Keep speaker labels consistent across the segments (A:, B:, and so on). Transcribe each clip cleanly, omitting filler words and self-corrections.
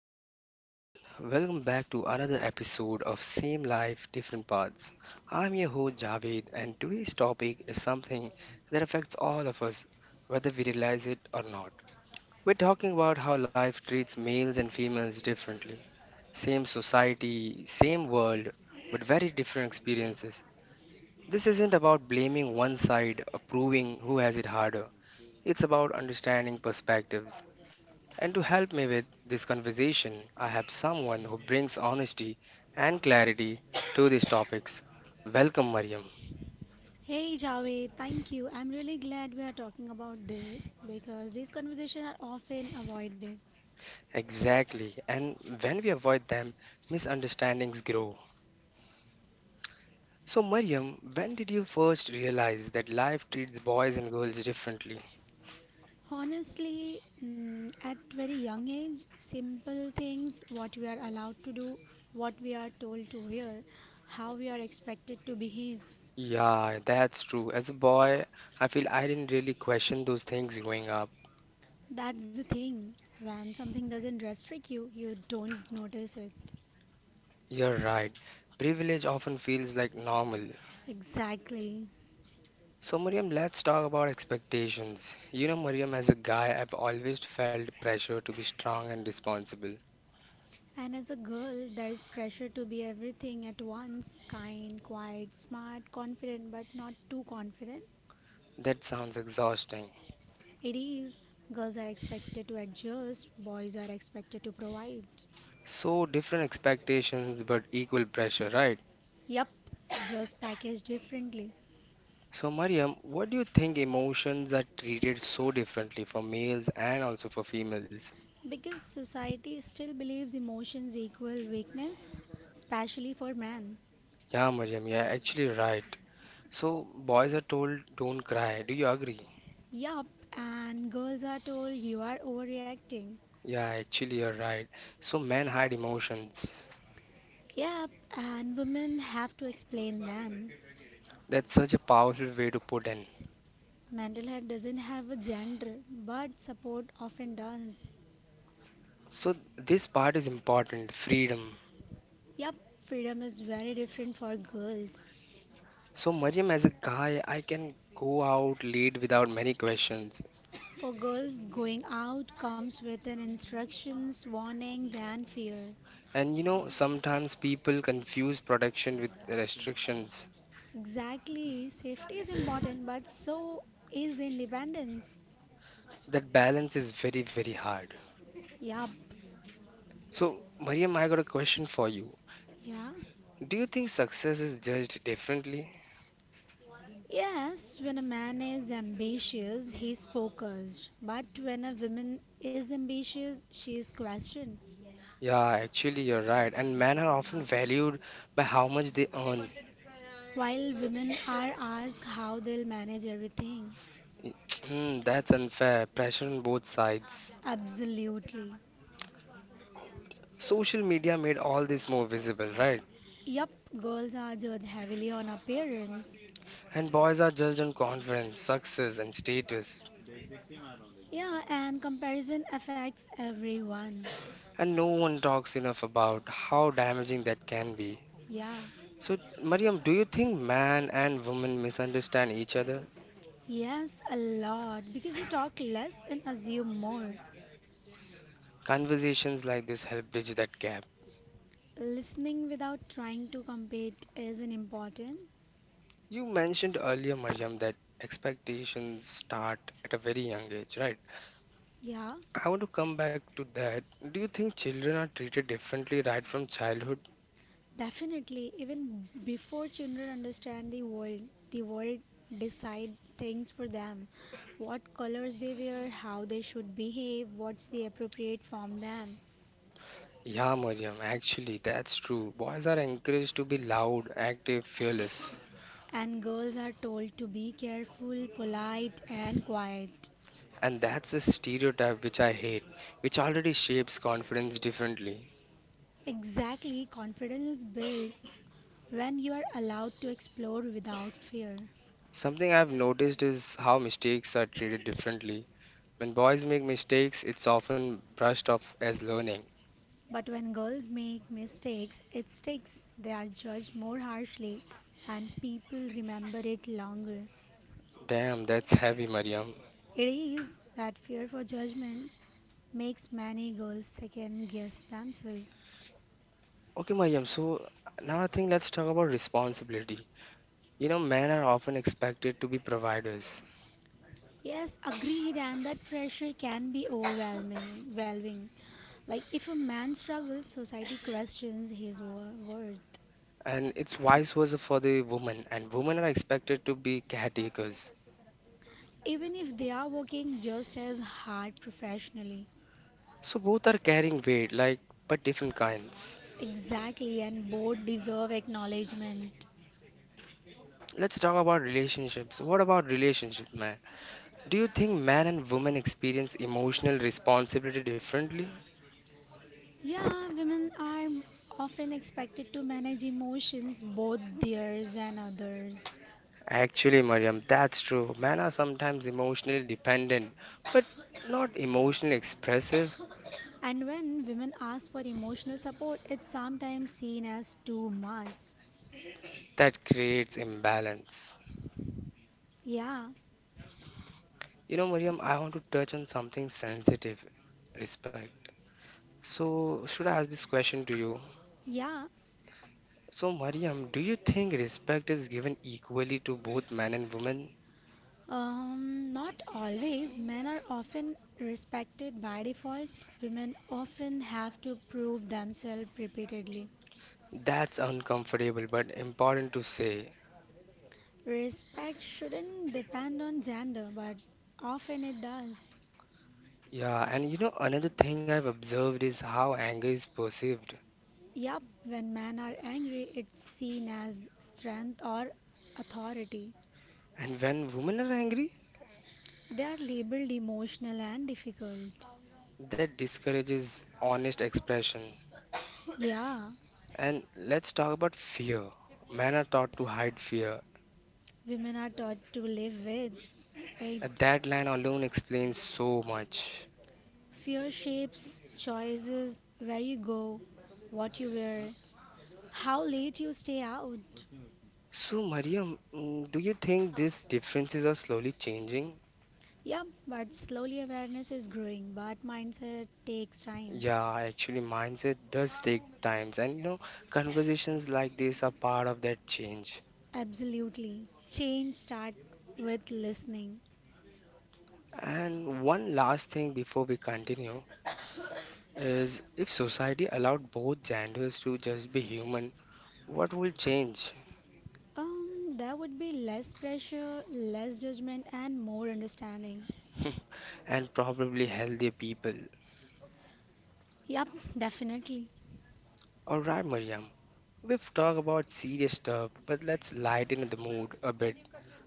A: Hello everyone, welcome back to another episode of Same Life, Different Paths. I'm your host Javed, and today's topic is something that affects all of us, whether we realize it or not. We're talking about how life treats males and females differently. Same society, same world, but very different experiences. This isn't about blaming one side or proving who has it harder, it's about understanding perspectives. And to help me with this conversation, I have someone who brings honesty and clarity to these topics. Welcome, Mariam.
B: Hey Javed, thank you. I'm really glad we are talking about this because these conversations are often avoided.
A: Exactly. And when we avoid them, misunderstandings grow. So, Mariam, when did you first realize that life treats boys and girls differently?
B: Honestly, at very young age, simple things, what we are allowed to do, what we are told to wear, how we are expected to behave.
A: Yeah, that's true. As a boy, I feel I didn't really question those things growing up.
B: That's the thing. When something doesn't restrict you, you don't notice it.
A: You're right. Privilege often feels like normal.
B: Exactly.
A: So, Mariam, let's talk about expectations. You know, Mariam, as a guy, I've always felt pressure to be strong and responsible.
B: And as a girl, there's pressure to be everything at once kind, quiet, smart, confident, but not too confident.
A: That sounds exhausting.
B: It is, girls are expected to adjust, boys are expected to provide.
A: So, different expectations, but equal pressure, right?
B: Yup, just packaged differently.
A: So, Mariam, what do you think emotions are treated so differently for males and also for females?
B: Because society still believes emotions equal weakness, especially for men.
A: Yeah, Miriam, yeah, actually, right. So, boys are told don't cry. Do you agree?
B: Yup, and girls are told you are overreacting.
A: Yeah, actually, you're right. So, men hide emotions.
B: Yep, and women have to explain them.
A: That's such a powerful way to put it.
B: Mendelhead doesn't have a gender, but support often does.
A: So this part is important, freedom.
B: Yup, freedom is very different for girls.
A: So Mariam, as a guy, I can go out late without many questions.
B: For girls, going out comes with an instructions, warnings, and fear.
A: And you know, sometimes people confuse protection with restrictions.
B: Exactly, safety is important, but so is independence.
A: That balance is very, very hard.
B: Yup,
A: So Mariam, I got a question for you.
B: yeah.
A: Do you think success is judged differently?
B: Yes, when a man is ambitious, he's focused. But when a woman is ambitious, she is questioned.
A: Yeah, actually, you're right. And men are often valued by how much they earn.
B: While women are asked how they'll manage everything.
A: That's unfair. Pressure on both sides.
B: Absolutely.
A: Social media made all this more visible, right?
B: Yup, girls are judged heavily on appearance.
A: And boys are judged on confidence, success, and status.
B: Yeah, and comparison affects everyone.
A: And no one talks enough about how damaging that can be.
B: Yeah,
A: So, Mariam, do you think man and woman misunderstand each other?
B: yes, a lot because we talk less and assume more.
A: Conversations like this help bridge that gap.
B: Listening without trying to compete is an important.
A: You mentioned earlier, Mariam, that expectations start at a very young age, right?
B: Yeah,
A: I want to come back to that. Do you think children are treated differently right from childhood?
B: definitely. Even before children understand the world decide things for them. What colors they wear, how they should behave, what's the appropriate for them.
A: Yeah, Mariam, actually, that's true. Boys are encouraged to be loud, active, fearless.
B: And girls are told to be careful, polite, and quiet.
A: And that's a stereotype which I hate, which already shapes confidence differently.
B: Exactly, confidence is built when you are allowed to explore without fear.
A: Something I've noticed is how mistakes are treated differently. When boys make mistakes, it's often brushed off as learning.
B: But when girls make mistakes, it sticks. They are judged more harshly, and people remember it longer.
A: Damn, that's heavy, Mariam.
B: It is that fear for judgments makes many girls second guess themselves.
A: Okay, Mariam, so now I think let's talk about responsibility. You know, men are often expected to be providers,
B: Yes, agreed, and that pressure can be overwhelming. Overwhelming, like if a man struggles, society questions his worth,
A: and it's vice versa for the women, and women are expected to be caretakers.
B: even if they are working just as hard professionally.
A: So both are carrying weight, like, but different kinds.
B: Exactly, and both deserve acknowledgement.
A: Let's talk about relationships. What about relationships, man? Do you think men and women experience emotional responsibility differently?
B: Yeah, women are often expected to manage emotions, both theirs and others.
A: Actually, Mariam, that's true. Men are sometimes emotionally dependent, but not emotionally expressive.
B: And when women ask for emotional support, it's sometimes seen as too much.
A: That creates imbalance.
B: Yeah,
A: You know, Mariam, I want to touch on something sensitive, respect. So, should I ask this question to you?
B: yeah,
A: So, Mariam, do you think respect is given equally to both men and women?
B: Not always. Men are often respected by default. Women often have to prove themselves repeatedly.
A: That's uncomfortable but important to say.
B: Respect shouldn't depend on gender, but often it does.
A: Yeah, and you know, another thing I've observed is how anger is perceived.
B: Yup, when men are angry, it's seen as strength or authority.
A: And when women are angry,
B: They are labeled emotional and difficult.
A: that discourages honest expression.
B: Yeah,
A: And let's talk about fear. Men are taught to hide fear.
B: women are taught to live with
A: And
B: it.
A: that line alone explains so much.
B: Fear shapes choices, where you go, what you wear, how late you stay out.
A: So, Mariam, do you think these differences are slowly changing?
B: Yep, but slowly awareness is growing, but mindset takes time.
A: Yeah, actually, mindset does take times, and you know, conversations like this are part of that change.
B: Absolutely. Change start with listening.
A: And one last thing before we continue is if society allowed both genders to just be human, what will change?
B: There would be less pressure, less judgment, and more understanding.
A: And probably healthier people.
B: Yep, definitely.
A: Alright, Mariam, we've talked about serious stuff, but let's lighten the mood a bit.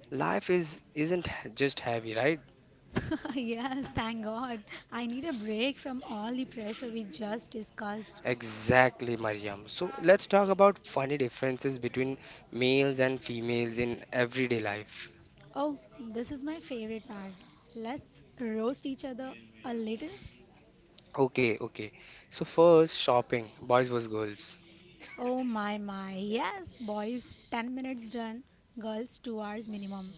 A: Life is isn't just heavy, right?
B: Yes, thank God. I need a break from all the pressure we just discussed.
A: Exactly, Mariam. So let's talk about funny differences between males and females in everyday life.
B: Oh, this is my favorite part. Let's roast each other a little.
A: Okay, okay. So first, shopping, boys versus girls.
B: Oh my my. Yes, boys 10 minutes done, girls 2 hours minimum.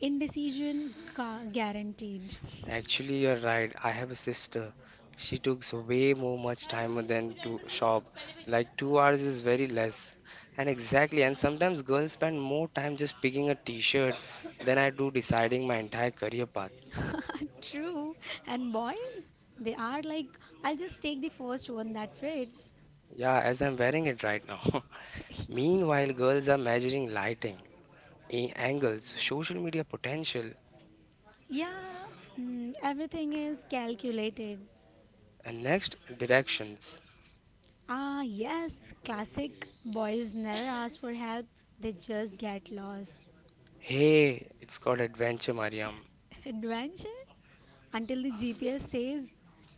B: Guaranteed.
A: Actually, you're right. I have a sister. She took way more much time than to shop. Like 2 hours is very less. And exactly, and sometimes girls spend more time just picking a t-shirt than I do deciding my entire career path.
B: True. And boys, they are like I'll just take the first one that fits.
A: Yeah, as I'm wearing it right now. Meanwhile, girls are measuring lighting, angles, social media potential,
B: yeah, everything is calculated.
A: and next directions.
B: Ah, yes, classic. Boys never ask for help, they just get lost.
A: Hey, it's called adventure, Mariam.
B: Adventure until the GPS says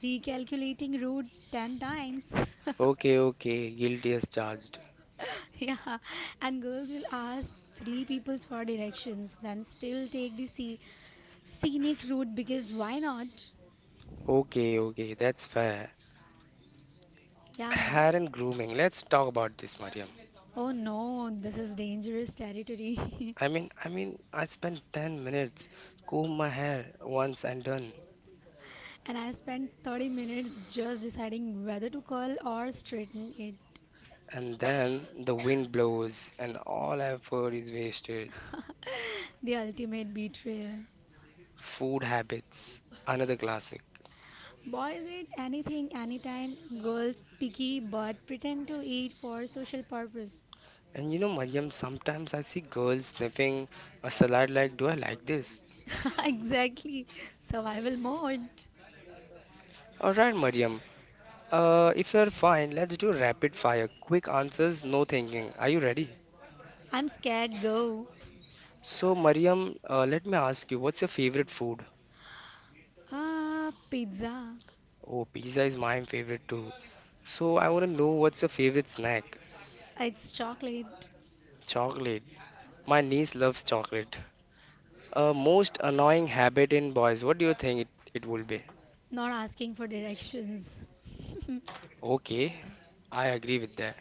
B: recalculating route 10 times.
A: Okay, okay, guilty as charged.
B: Yeah, and girls will ask three people for directions, then still take the scenic route because why not?
A: Okay, okay, that's fair.
B: Yeah.
A: Hair and grooming. Let's talk about this, Mariam.
B: Oh no, this is dangerous territory.
A: I mean, I spent 10 minutes comb my hair once and done.
B: And I spent 30 minutes just deciding whether to curl or straighten it.
A: And then the wind blows and all effort is wasted.
B: The ultimate betrayal.
A: Food habits, another classic.
B: Boys eat anything, anytime. Girls picky but pretend to eat for social purpose.
A: And you know, Mariam, sometimes I see girls sniffing a salad like, do I like this?
B: Exactly. Survival mode.
A: All right, Mariam, if you're fine, let's do rapid fire. Quick answers, no thinking. Are you ready?
B: I'm scared, go.
A: So, Mariam, let me ask you, what's your favorite food?
B: Ah, pizza.
A: Oh, pizza is my favorite too. So I want to know what's your favorite snack?
B: It's chocolate.
A: Chocolate. My niece loves chocolate. Most annoying habit in boys. What do you think it will be?
B: Not asking for directions.
A: Okay, I agree with that.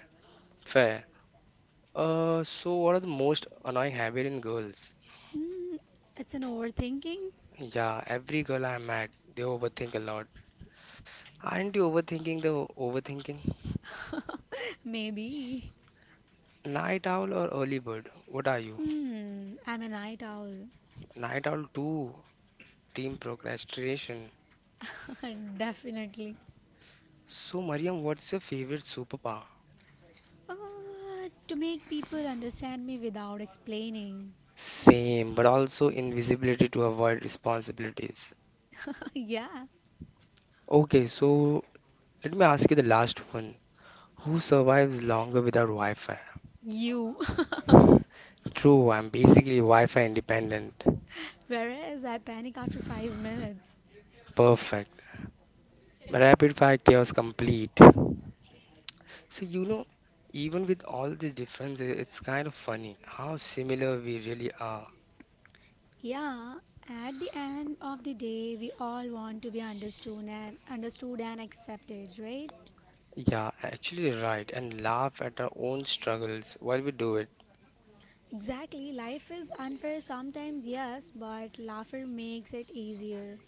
A: Fair. So what are the most annoying habit in girls?
B: Mm, it's an overthinking.
A: Yeah, every girl I met, they overthink a lot. Aren't you overthinking the overthinking?
B: Maybe.
A: Night owl or early bird? What are you?
B: I'm a night owl.
A: Night owl too. Team procrastination.
B: Definitely.
A: So, Mariam, what's your favorite superpower?
B: To make people understand me without explaining.
A: Same, but also invisibility to avoid responsibilities.
B: Yeah.
A: Okay, so let me ask you the last one. Who survives longer without Wi-Fi?
B: You.
A: True, I'm basically Wi-Fi independent.
B: Whereas I panic after 5 minutes.
A: Perfect. Rapid fire chaos complete. So you know, even with all these differences, it's kind of funny how similar we really are.
B: Yeah, at the end of the day, we all want to be understood and accepted, right?
A: Yeah, actually right, and laugh at our own struggles while we do it.
B: Exactly. Life is unfair sometimes, yes, but laughter makes it easier.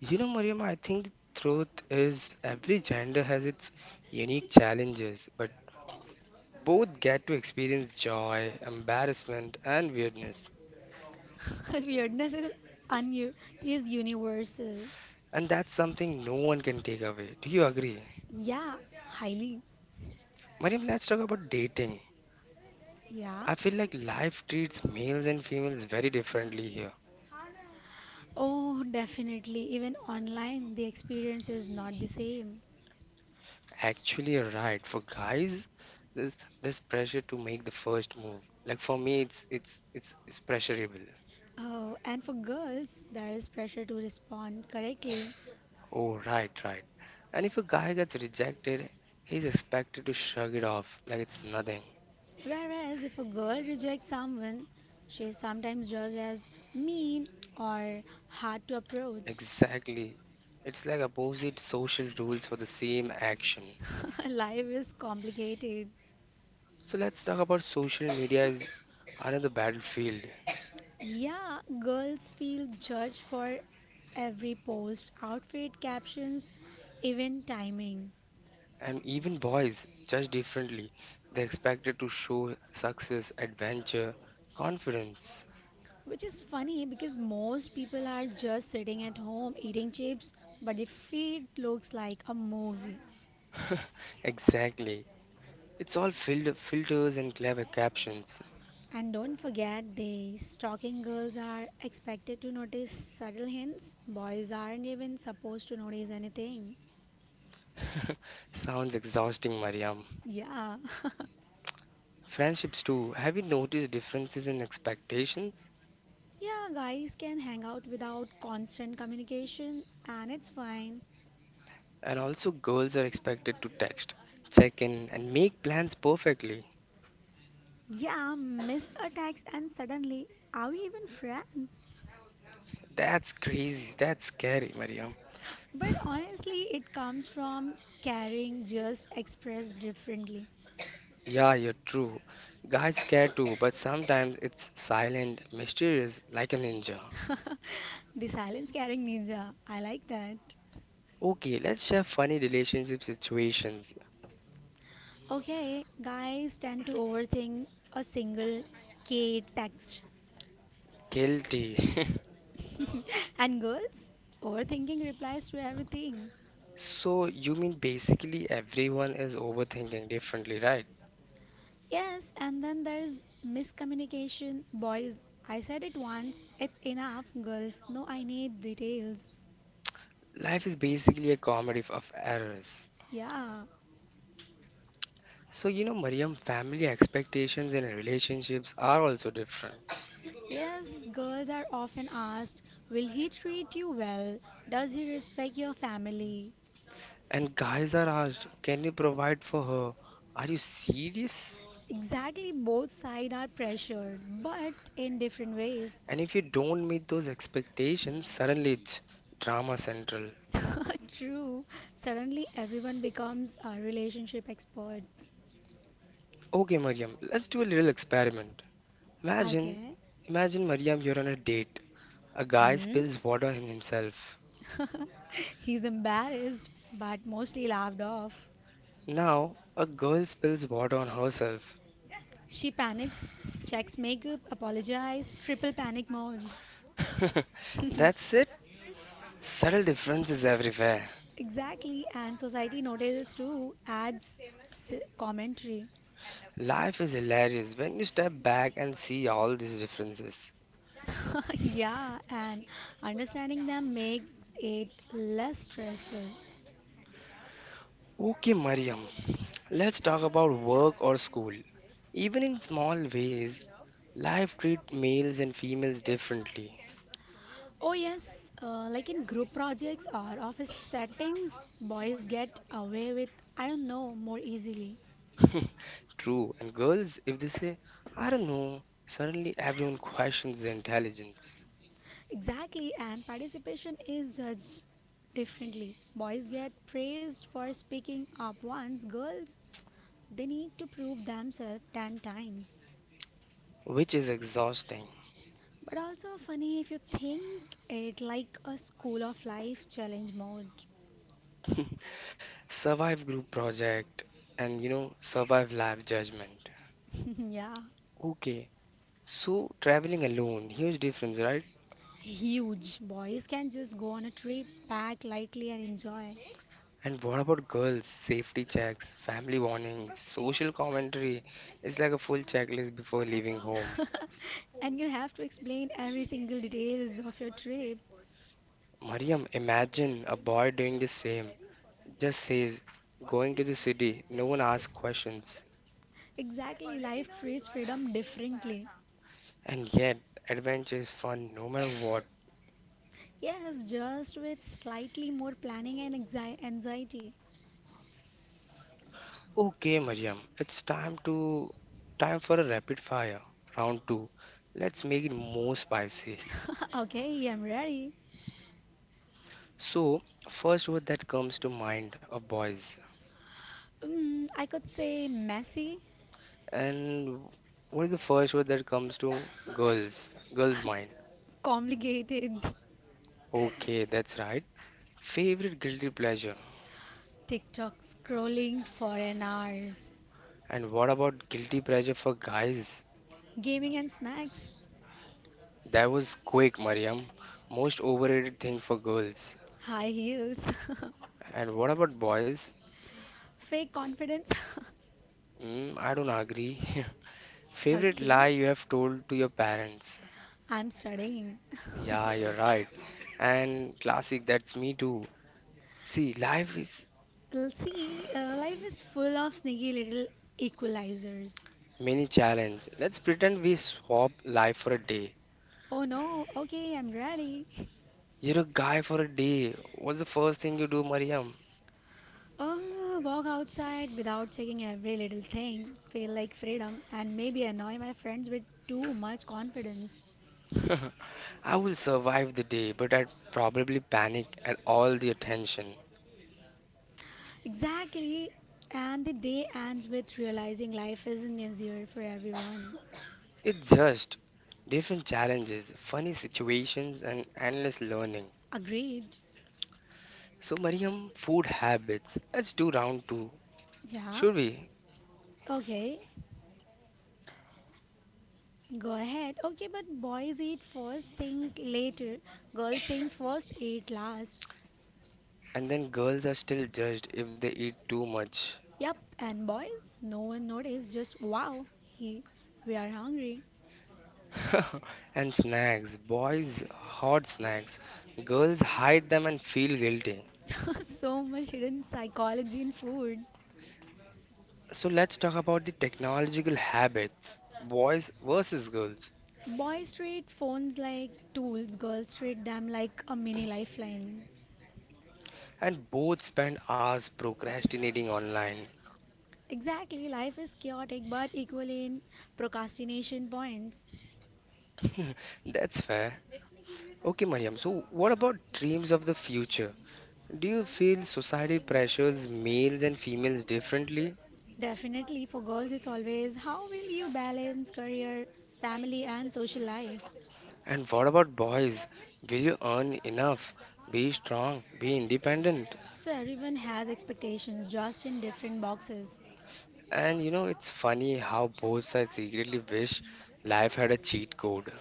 A: You know, Mariam, I think the truth is every gender has its unique challenges, but both get to experience joy, embarrassment, and weirdness.
B: Weirdness is un- is universal.
A: And that's something no one can take away. Do you agree?
B: Yeah, highly.
A: Mariam, let's talk about dating.
B: Yeah.
A: I feel like life treats males and females very differently here.
B: Oh, definitely. Even online, the experience is not the same.
A: Actually, you're right. For guys, there's this pressure to make the first move. Like for me, it's pressurable.
B: Oh, and for girls, there is pressure to respond correctly.
A: Oh, right, right. And if a guy gets rejected, he's expected to shrug it off like it's nothing.
B: Whereas if a girl rejects someone, she is sometimes judged as mean or hard to approach.
A: Exactly. It's like opposite social rules for the same action.
B: Life is complicated.
A: So let's talk about social media is another battlefield.
B: Yeah, girls feel judged for every post, outfit, captions, even timing.
A: And even boys judge differently. They're expected to show success, adventure, confidence.
B: Which is funny because most people are just sitting at home eating chips, but the feed looks like a movie.
A: Exactly. It's all filled filters and clever captions.
B: And don't forget, the stalking girls are expected to notice subtle hints. Boys aren't even supposed to notice anything.
A: Sounds exhausting, Mariam.
B: Yeah.
A: Friendships too. Have you noticed differences in expectations?
B: Yeah, guys can hang out without constant communication, and it's fine.
A: And also, girls are expected to text, check in, and make plans perfectly.
B: Yeah, miss attacks and suddenly, are we even friends?
A: That's crazy. That's scary, Mariam.
B: But honestly, it comes from caring just expressed differently.
A: Yeah, you're true. Guys care too, but sometimes it's silent, mysterious, like a ninja.
B: The silence caring ninja. I like that.
A: Okay, let's share funny relationship situations.
B: Okay, guys tend to overthink a single K text,
A: Guilty.
B: and girls overthinking replies to everything.
A: So, you mean basically everyone is overthinking differently, right?
B: Yes, and then there's miscommunication. Boys, I said it once, it's enough. Girls, no, I need details.
A: Life is basically a comedy of errors.
B: Yeah.
A: So, you know, Mariam, family expectations and relationships are also different.
B: Yes, girls are often asked, will he treat you well? Does he respect your family?
A: And guys are asked, can you provide for her? Are you serious?
B: Exactly, both sides are pressured, but in different ways.
A: And if you don't meet those expectations, suddenly it's drama central.
B: True. Suddenly everyone becomes a relationship expert.
A: Okay, Mariam, let's do a little experiment. Imagine,
B: Okay.
A: imagine Mariam, you're on a date. A guy
B: Hmm.
A: spills water on himself.
B: He's embarrassed, but mostly laughed off.
A: Now, a girl spills water on herself.
B: She panics, checks makeup, apologizes, triple panic mode.
A: That's it. Subtle differences everywhere.
B: Exactly, and society notices too, adds commentary.
A: Life is hilarious when you step back and see all these differences.
B: Yeah, and understanding them makes it less stressful.
A: Okay, Mariam, let's talk about work or school. Even in small ways, life treats males and females differently.
B: Oh, yes, like in group projects or office settings, boys get away with, I don't know, more easily.
A: True, and girls, if they say, I don't know, suddenly everyone questions their intelligence,
B: Exactly, and participation is judged differently. Boys get praised for speaking up once, girls, they need to prove themselves 10 times.
A: which is exhausting.
B: But also funny if you think it like a school of life challenge mode.
A: Survive group project and you know, survive life judgment.
B: Yeah,
A: Okay, so traveling alone, huge difference, right?
B: huge. Boys can just go on a trip, pack lightly, and enjoy.
A: And what about girls? Safety checks, family warnings, social commentary. It's like a full checklist before leaving home.
B: And you have to explain every single details of your trip.
A: Mariam, imagine a boy doing the same. Just says, going to the city, no one asks questions.
B: Exactly, life treats freedom differently.
A: And yet, adventure is fun no matter what.
B: Yes, just with slightly more planning and anxiety.
A: Okay, Mariam, it's time to time for a rapid fire round two. Let's make it more spicy.
B: Okay, I'm ready.
A: So, first word that comes to mind of boys.
B: I could say messy,
A: And what is the first word that comes to girls? Girls' mind.
B: complicated,
A: Okay, that's right. Favorite guilty pleasure.
B: TikTok scrolling for an hours,
A: And what about guilty pleasure for guys?
B: gaming and snacks,
A: That was quick, Mariam. Most overrated thing for girls.
B: high heels,
A: And what about boys?
B: fake confidence.
A: Mm, I don't agree. Favorite
B: Okay,
A: lie you have told to your parents.
B: I'm studying.
A: Yeah, you're right. And classic, that's me too. See, life is
B: Well, see, life is full of sneaky little equalizers.
A: many challenge. Let's pretend we swap life for a day.
B: Oh no, okay, I'm ready.
A: You're a guy for a day. What's the first thing you do, Mariam?
B: Oh, walk outside without checking every little thing, feel like freedom, and maybe annoy my friends with too much confidence.
A: I will survive the day, but I'd probably panic at all the attention.
B: Exactly, and the day ends with realizing life isn't easier for everyone.
A: It's just different challenges, funny situations, and endless learning.
B: Agreed.
A: So, Mariam, food habits. Let's do round two,
B: Yeah,
A: should we?
B: okay, go ahead. Okay, but boys eat first, think later, girls think first, eat last.
A: And then girls are still judged if they eat too much.
B: Yep, and boys, no one noticed just wow, he we are hungry.
A: And snacks, boys, hot snacks. Girls hide them and feel guilty.
B: So much hidden psychology in food.
A: So let's talk about the technological habits, boys versus girls.
B: Boys treat phones like tools, girls treat them like a mini lifeline.
A: And both spend hours procrastinating online.
B: Exactly, life is chaotic but equal in procrastination points.
A: That's fair. Okay, Mariam, so what about dreams of the future? Do you feel society pressures males and females differently?
B: Definitely, for girls, it's always how will you balance career, family, and social life?
A: And what about boys? Will you earn enough? Be strong, be independent.
B: So, everyone has expectations just in different boxes.
A: And you know, it's funny how both sides secretly wish life had a cheat code.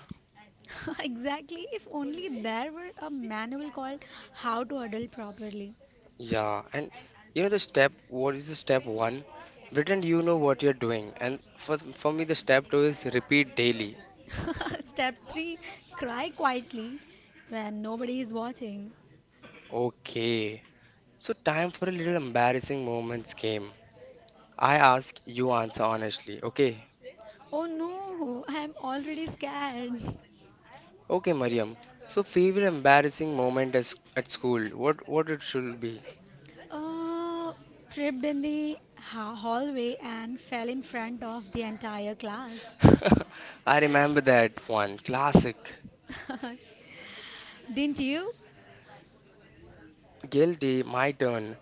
B: Exactly. If only there were a manual called How to Adult Properly.
A: Yeah, and you know the step, what is the step one? Pretend you know what you're doing. And for me, the step two is repeat daily.
B: Step 3, cry quietly when nobody is watching.
A: Okay. So time for a little embarrassing moments game. I ask, you answer honestly. Okay.
B: Oh no, I'm already scared.
A: Okay, Mariam. So favorite embarrassing moment is at school. What it should be?
B: Uh, tripped in the hallway and fell in front of the entire class.
A: I remember that one. Classic.
B: Didn't you?
A: Guilty, my turn.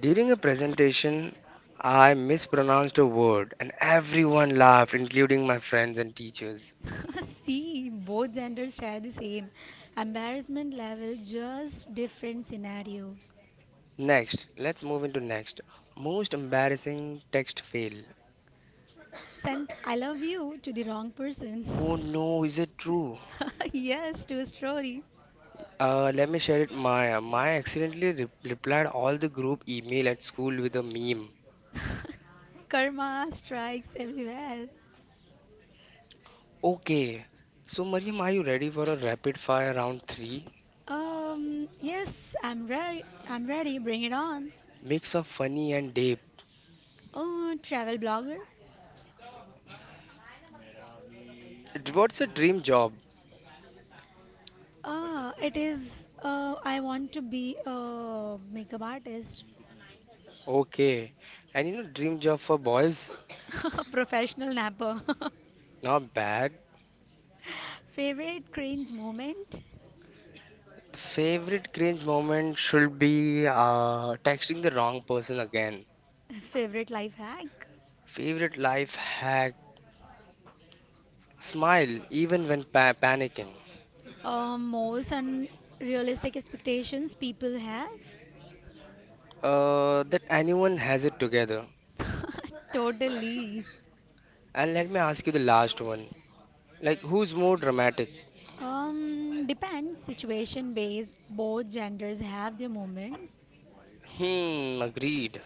A: During a presentation, I mispronounced a word and everyone laughed, including my friends and teachers.
B: See, both genders share the same embarrassment level, just different scenarios.
A: Next, let's move into next. Most embarrassing text fail.
B: Sent I love you to the wrong
A: Oh
B: person.
A: no, is it true?
B: Yes, to a story.
A: Let me share it. Maya. Maya accidentally replied all the group email at school with a meme.
B: Karma strikes everywhere.
A: Okay, so Mariam, are you ready for a rapid fire round three?
B: Yes, I'm ready. Bring it on.
A: Mix of funny and deep.
B: Oh, travel blogger.
A: What's a dream job?
B: Ah, it is. I want to be a makeup artist,
A: Okay, and you know dream job for boys?
B: professional napper.
A: Not bad.
B: Favorite cringe moment.
A: Favorite cringe moment should be texting the wrong person again.
B: Favorite life hack.
A: Favorite life hack, smile even when pa panicking.
B: Most unrealistic expectations people have.
A: That anyone has it together.
B: Totally.
A: And let me ask you the last one. Like, who's more dramatic?
B: Depends situation based. Both genders have their moments.
A: Hmm, agreed.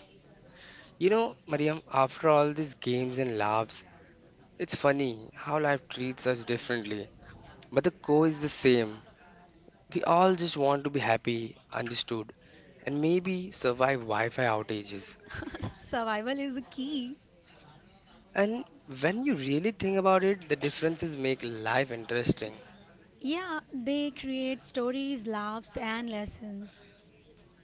A: You know, Mariam, after all these games and laughs, it's funny how life treats us differently. But the core is the same. We all just want to be happy, understood, and maybe survive Wi-Fi outages.
B: Survival is the key.
A: And when you really think about it, the differences make life interesting.
B: Yeah, they create stories, laughs, and lessons.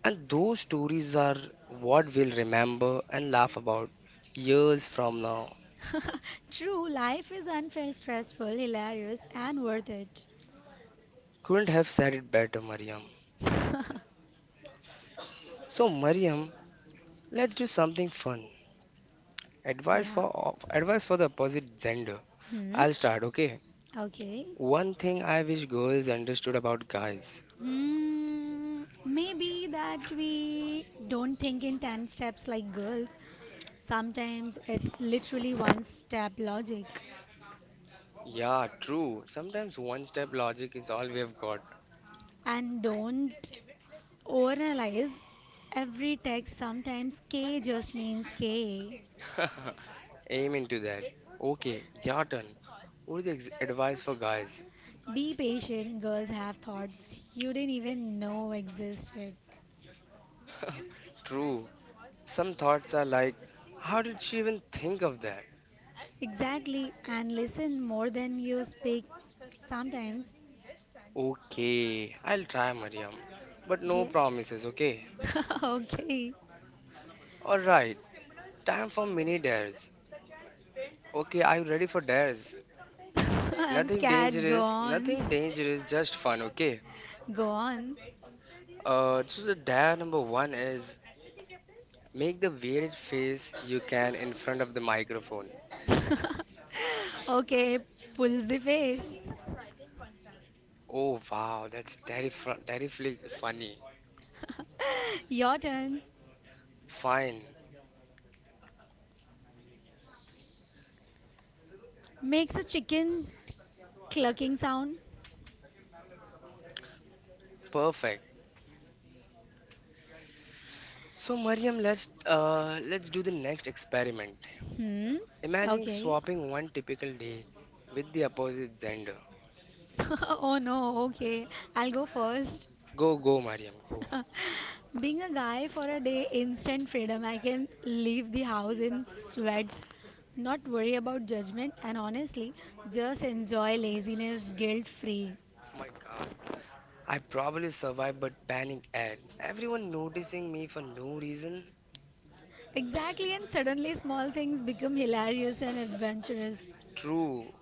A: And those stories are what we'll remember and laugh about years from now.
B: True, life is unfair, stressful, hilarious, and worth it.
A: Couldn't have said it better, Mariam. So, Mariam, let's do something fun. Advice
B: Yeah.
A: for advice for the opposite gender.
B: Hmm.
A: I'll start, okay?
B: Okay.
A: One thing I wish girls understood about guys.
B: Maybe that we don't think in 10 steps like girls. Sometimes it's literally one step logic,
A: Yeah, true. Sometimes one step logic is all we have got.
B: and don't overanalyze every text. Sometimes K just means K.
A: Aim into that. Okay, your turn. What is the advice for guys?
B: Be patient, girls have thoughts you didn't even know existed.
A: True. Some thoughts are like, how did she even think of that?
B: Exactly, and listen more than you speak. Sometimes,
A: Okay, I'll try, Mariam. But no
B: yeah.
A: promises, okay?
B: Okay.
A: Alright, time for mini dares. Okay, are you ready for dares?
B: I'm
A: Nothing
B: scared, go
A: dangerous, nothing
B: on.
A: dangerous, just fun, okay?
B: Go on.
A: So the dare number one is make the weirdest face you can in front of the microphone.
B: Okay, pulls the face.
A: Oh wow, that's terrifyingly funny.
B: Your turn.
A: Fine,
B: Makes a chicken clucking sound.
A: perfect. So Mariam, let's do the next experiment.
B: Hmm.
A: Imagine
B: Okay.
A: swapping one typical day with the opposite gender.
B: Oh no, okay. I'll go first.
A: Go, go, Mariam, go. Oh
B: Being a guy for a day, instant freedom. I can leave the house in sweats, not worry about judgment, and honestly, just enjoy laziness guilt free.
A: my God, I probably survive, but panic ad. Everyone noticing me for no reason.
B: Exactly, and suddenly small things become hilarious and adventurous.
A: True.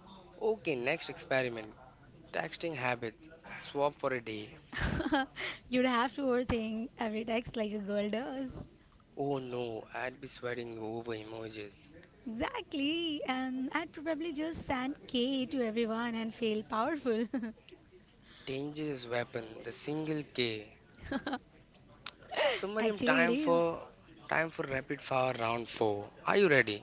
A: Okay, next experiment. Texting habits. Swap for a day.
B: You'd have to overthink every text like a girl does.
A: Oh no, I'd be sweating over emojis.
B: Exactly, and I'd probably just send K to everyone and feel powerful.
A: Dangerous weapon, the single K. So Mariam,
B: Actually, it
A: time
B: is.
A: for time for rapid fire round four. Are you ready?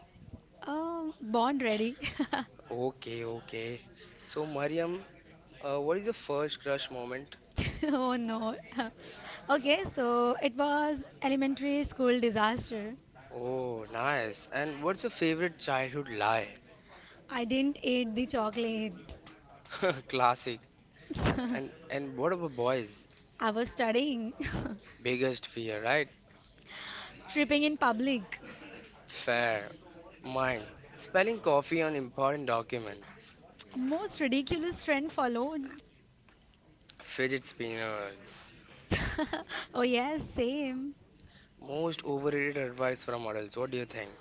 B: Born ready.
A: Okay, okay. So Mariam, what is your first crush moment?
B: Oh no. Okay, so it was elementary school disaster.
A: Oh, nice. And what's your favorite childhood lie?
B: I didn't eat the chocolate.
A: Classic. And what about boys?
B: I was studying,
A: Biggest fear, right?
B: tripping in public.
A: Fair. Mine. Spelling coffee on important documents.
B: Most ridiculous trend followed.
A: Fidget spinners.
B: Oh, yes, same.
A: Most overrated advice from adults. What do you think?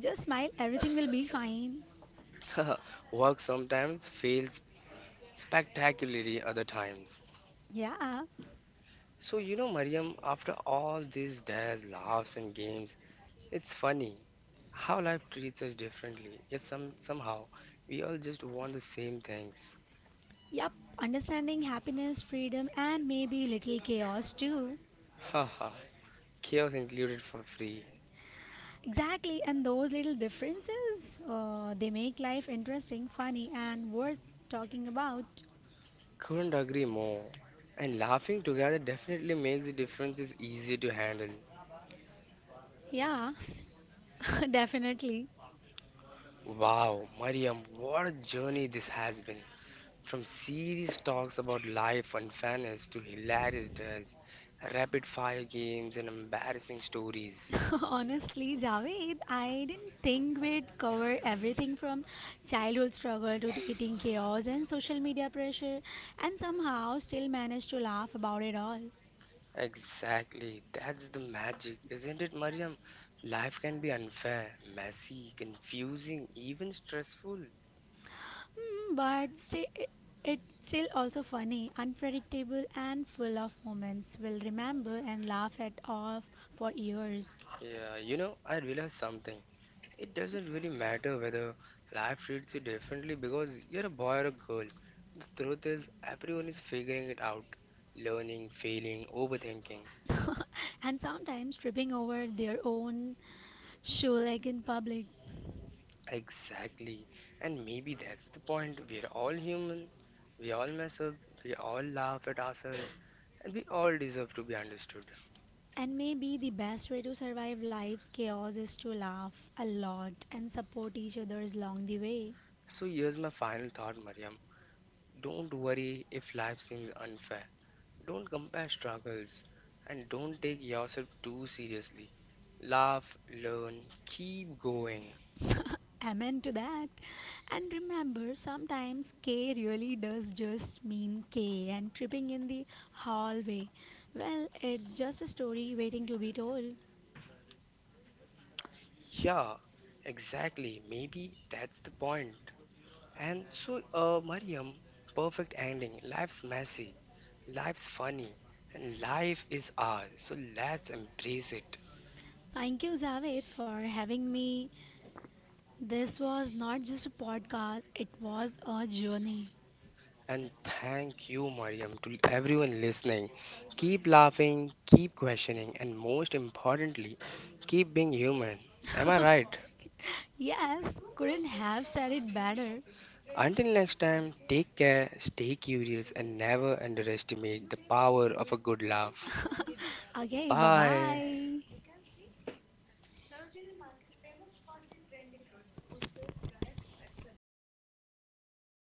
B: Just smile, everything will be fine.
A: Work sometimes, fail spectacularly other times.
B: Yeah.
A: So, you know, Mariam, after all these dares, laughs, and games, it's funny how life treats us differently. Yet somehow, we all just want the same things.
B: Yep. Understanding happiness, freedom, and maybe little chaos too.
A: Haha, chaos included for free.
B: Exactly. And those little differences, they make life interesting, funny, and worth talking about.
A: Couldn't agree more. And laughing together definitely makes the differences easier to handle.
B: Yeah, definitely.
A: Wow, Mariam, what a journey this has been. From serious talks about life and fairness to hilarious does, rapid fire games, and embarrassing stories.
B: Honestly, Javed, I didn't think we'd cover everything from childhood struggle to dating chaos and social media pressure, and somehow still managed to laugh about it all.
A: Exactly, that's the magic, isn't it, Mariam? Life can be unfair, messy, confusing, even stressful.
B: Hmm, but it's still also funny, unpredictable, and full of moments we'll remember and laugh at off for years.
A: Yeah, you know, I realized something. It doesn't really matter whether life treats you differently because you're a boy or a girl. The truth is, everyone is figuring it out, learning, failing, overthinking.
B: And sometimes tripping over their own shoe leg in public.
A: Exactly. And maybe that's the point. We're all human. We all mess up. We all laugh at ourselves. And we all deserve to be understood.
B: And maybe the best way to survive life's chaos is to laugh a lot and support each other's along the way.
A: So here's my final thought, Mariam. Don't worry if life seems unfair. Don't compare struggles. And don't take yourself too seriously. Laugh, learn, keep going.
B: Amen to that. And remember, sometimes K really does just mean K, and tripping in the hallway, well, it's just a story waiting to be told.
A: Yeah, exactly. Maybe that's the point. Mariam, perfect ending. Life's messy. Life's funny and life is ours, so let's embrace it.
B: Thank you, Javed, for having me. This was not just a podcast, it was a journey.
A: And thank you, Mariam, to everyone listening. Keep laughing, keep questioning, and most importantly, keep being human. Am I right?
B: Yes, couldn't have said it better.
A: Until next time, take care, stay curious, and never underestimate the power of a good laugh.
B: Okay, bye
A: Bye.
B: bye.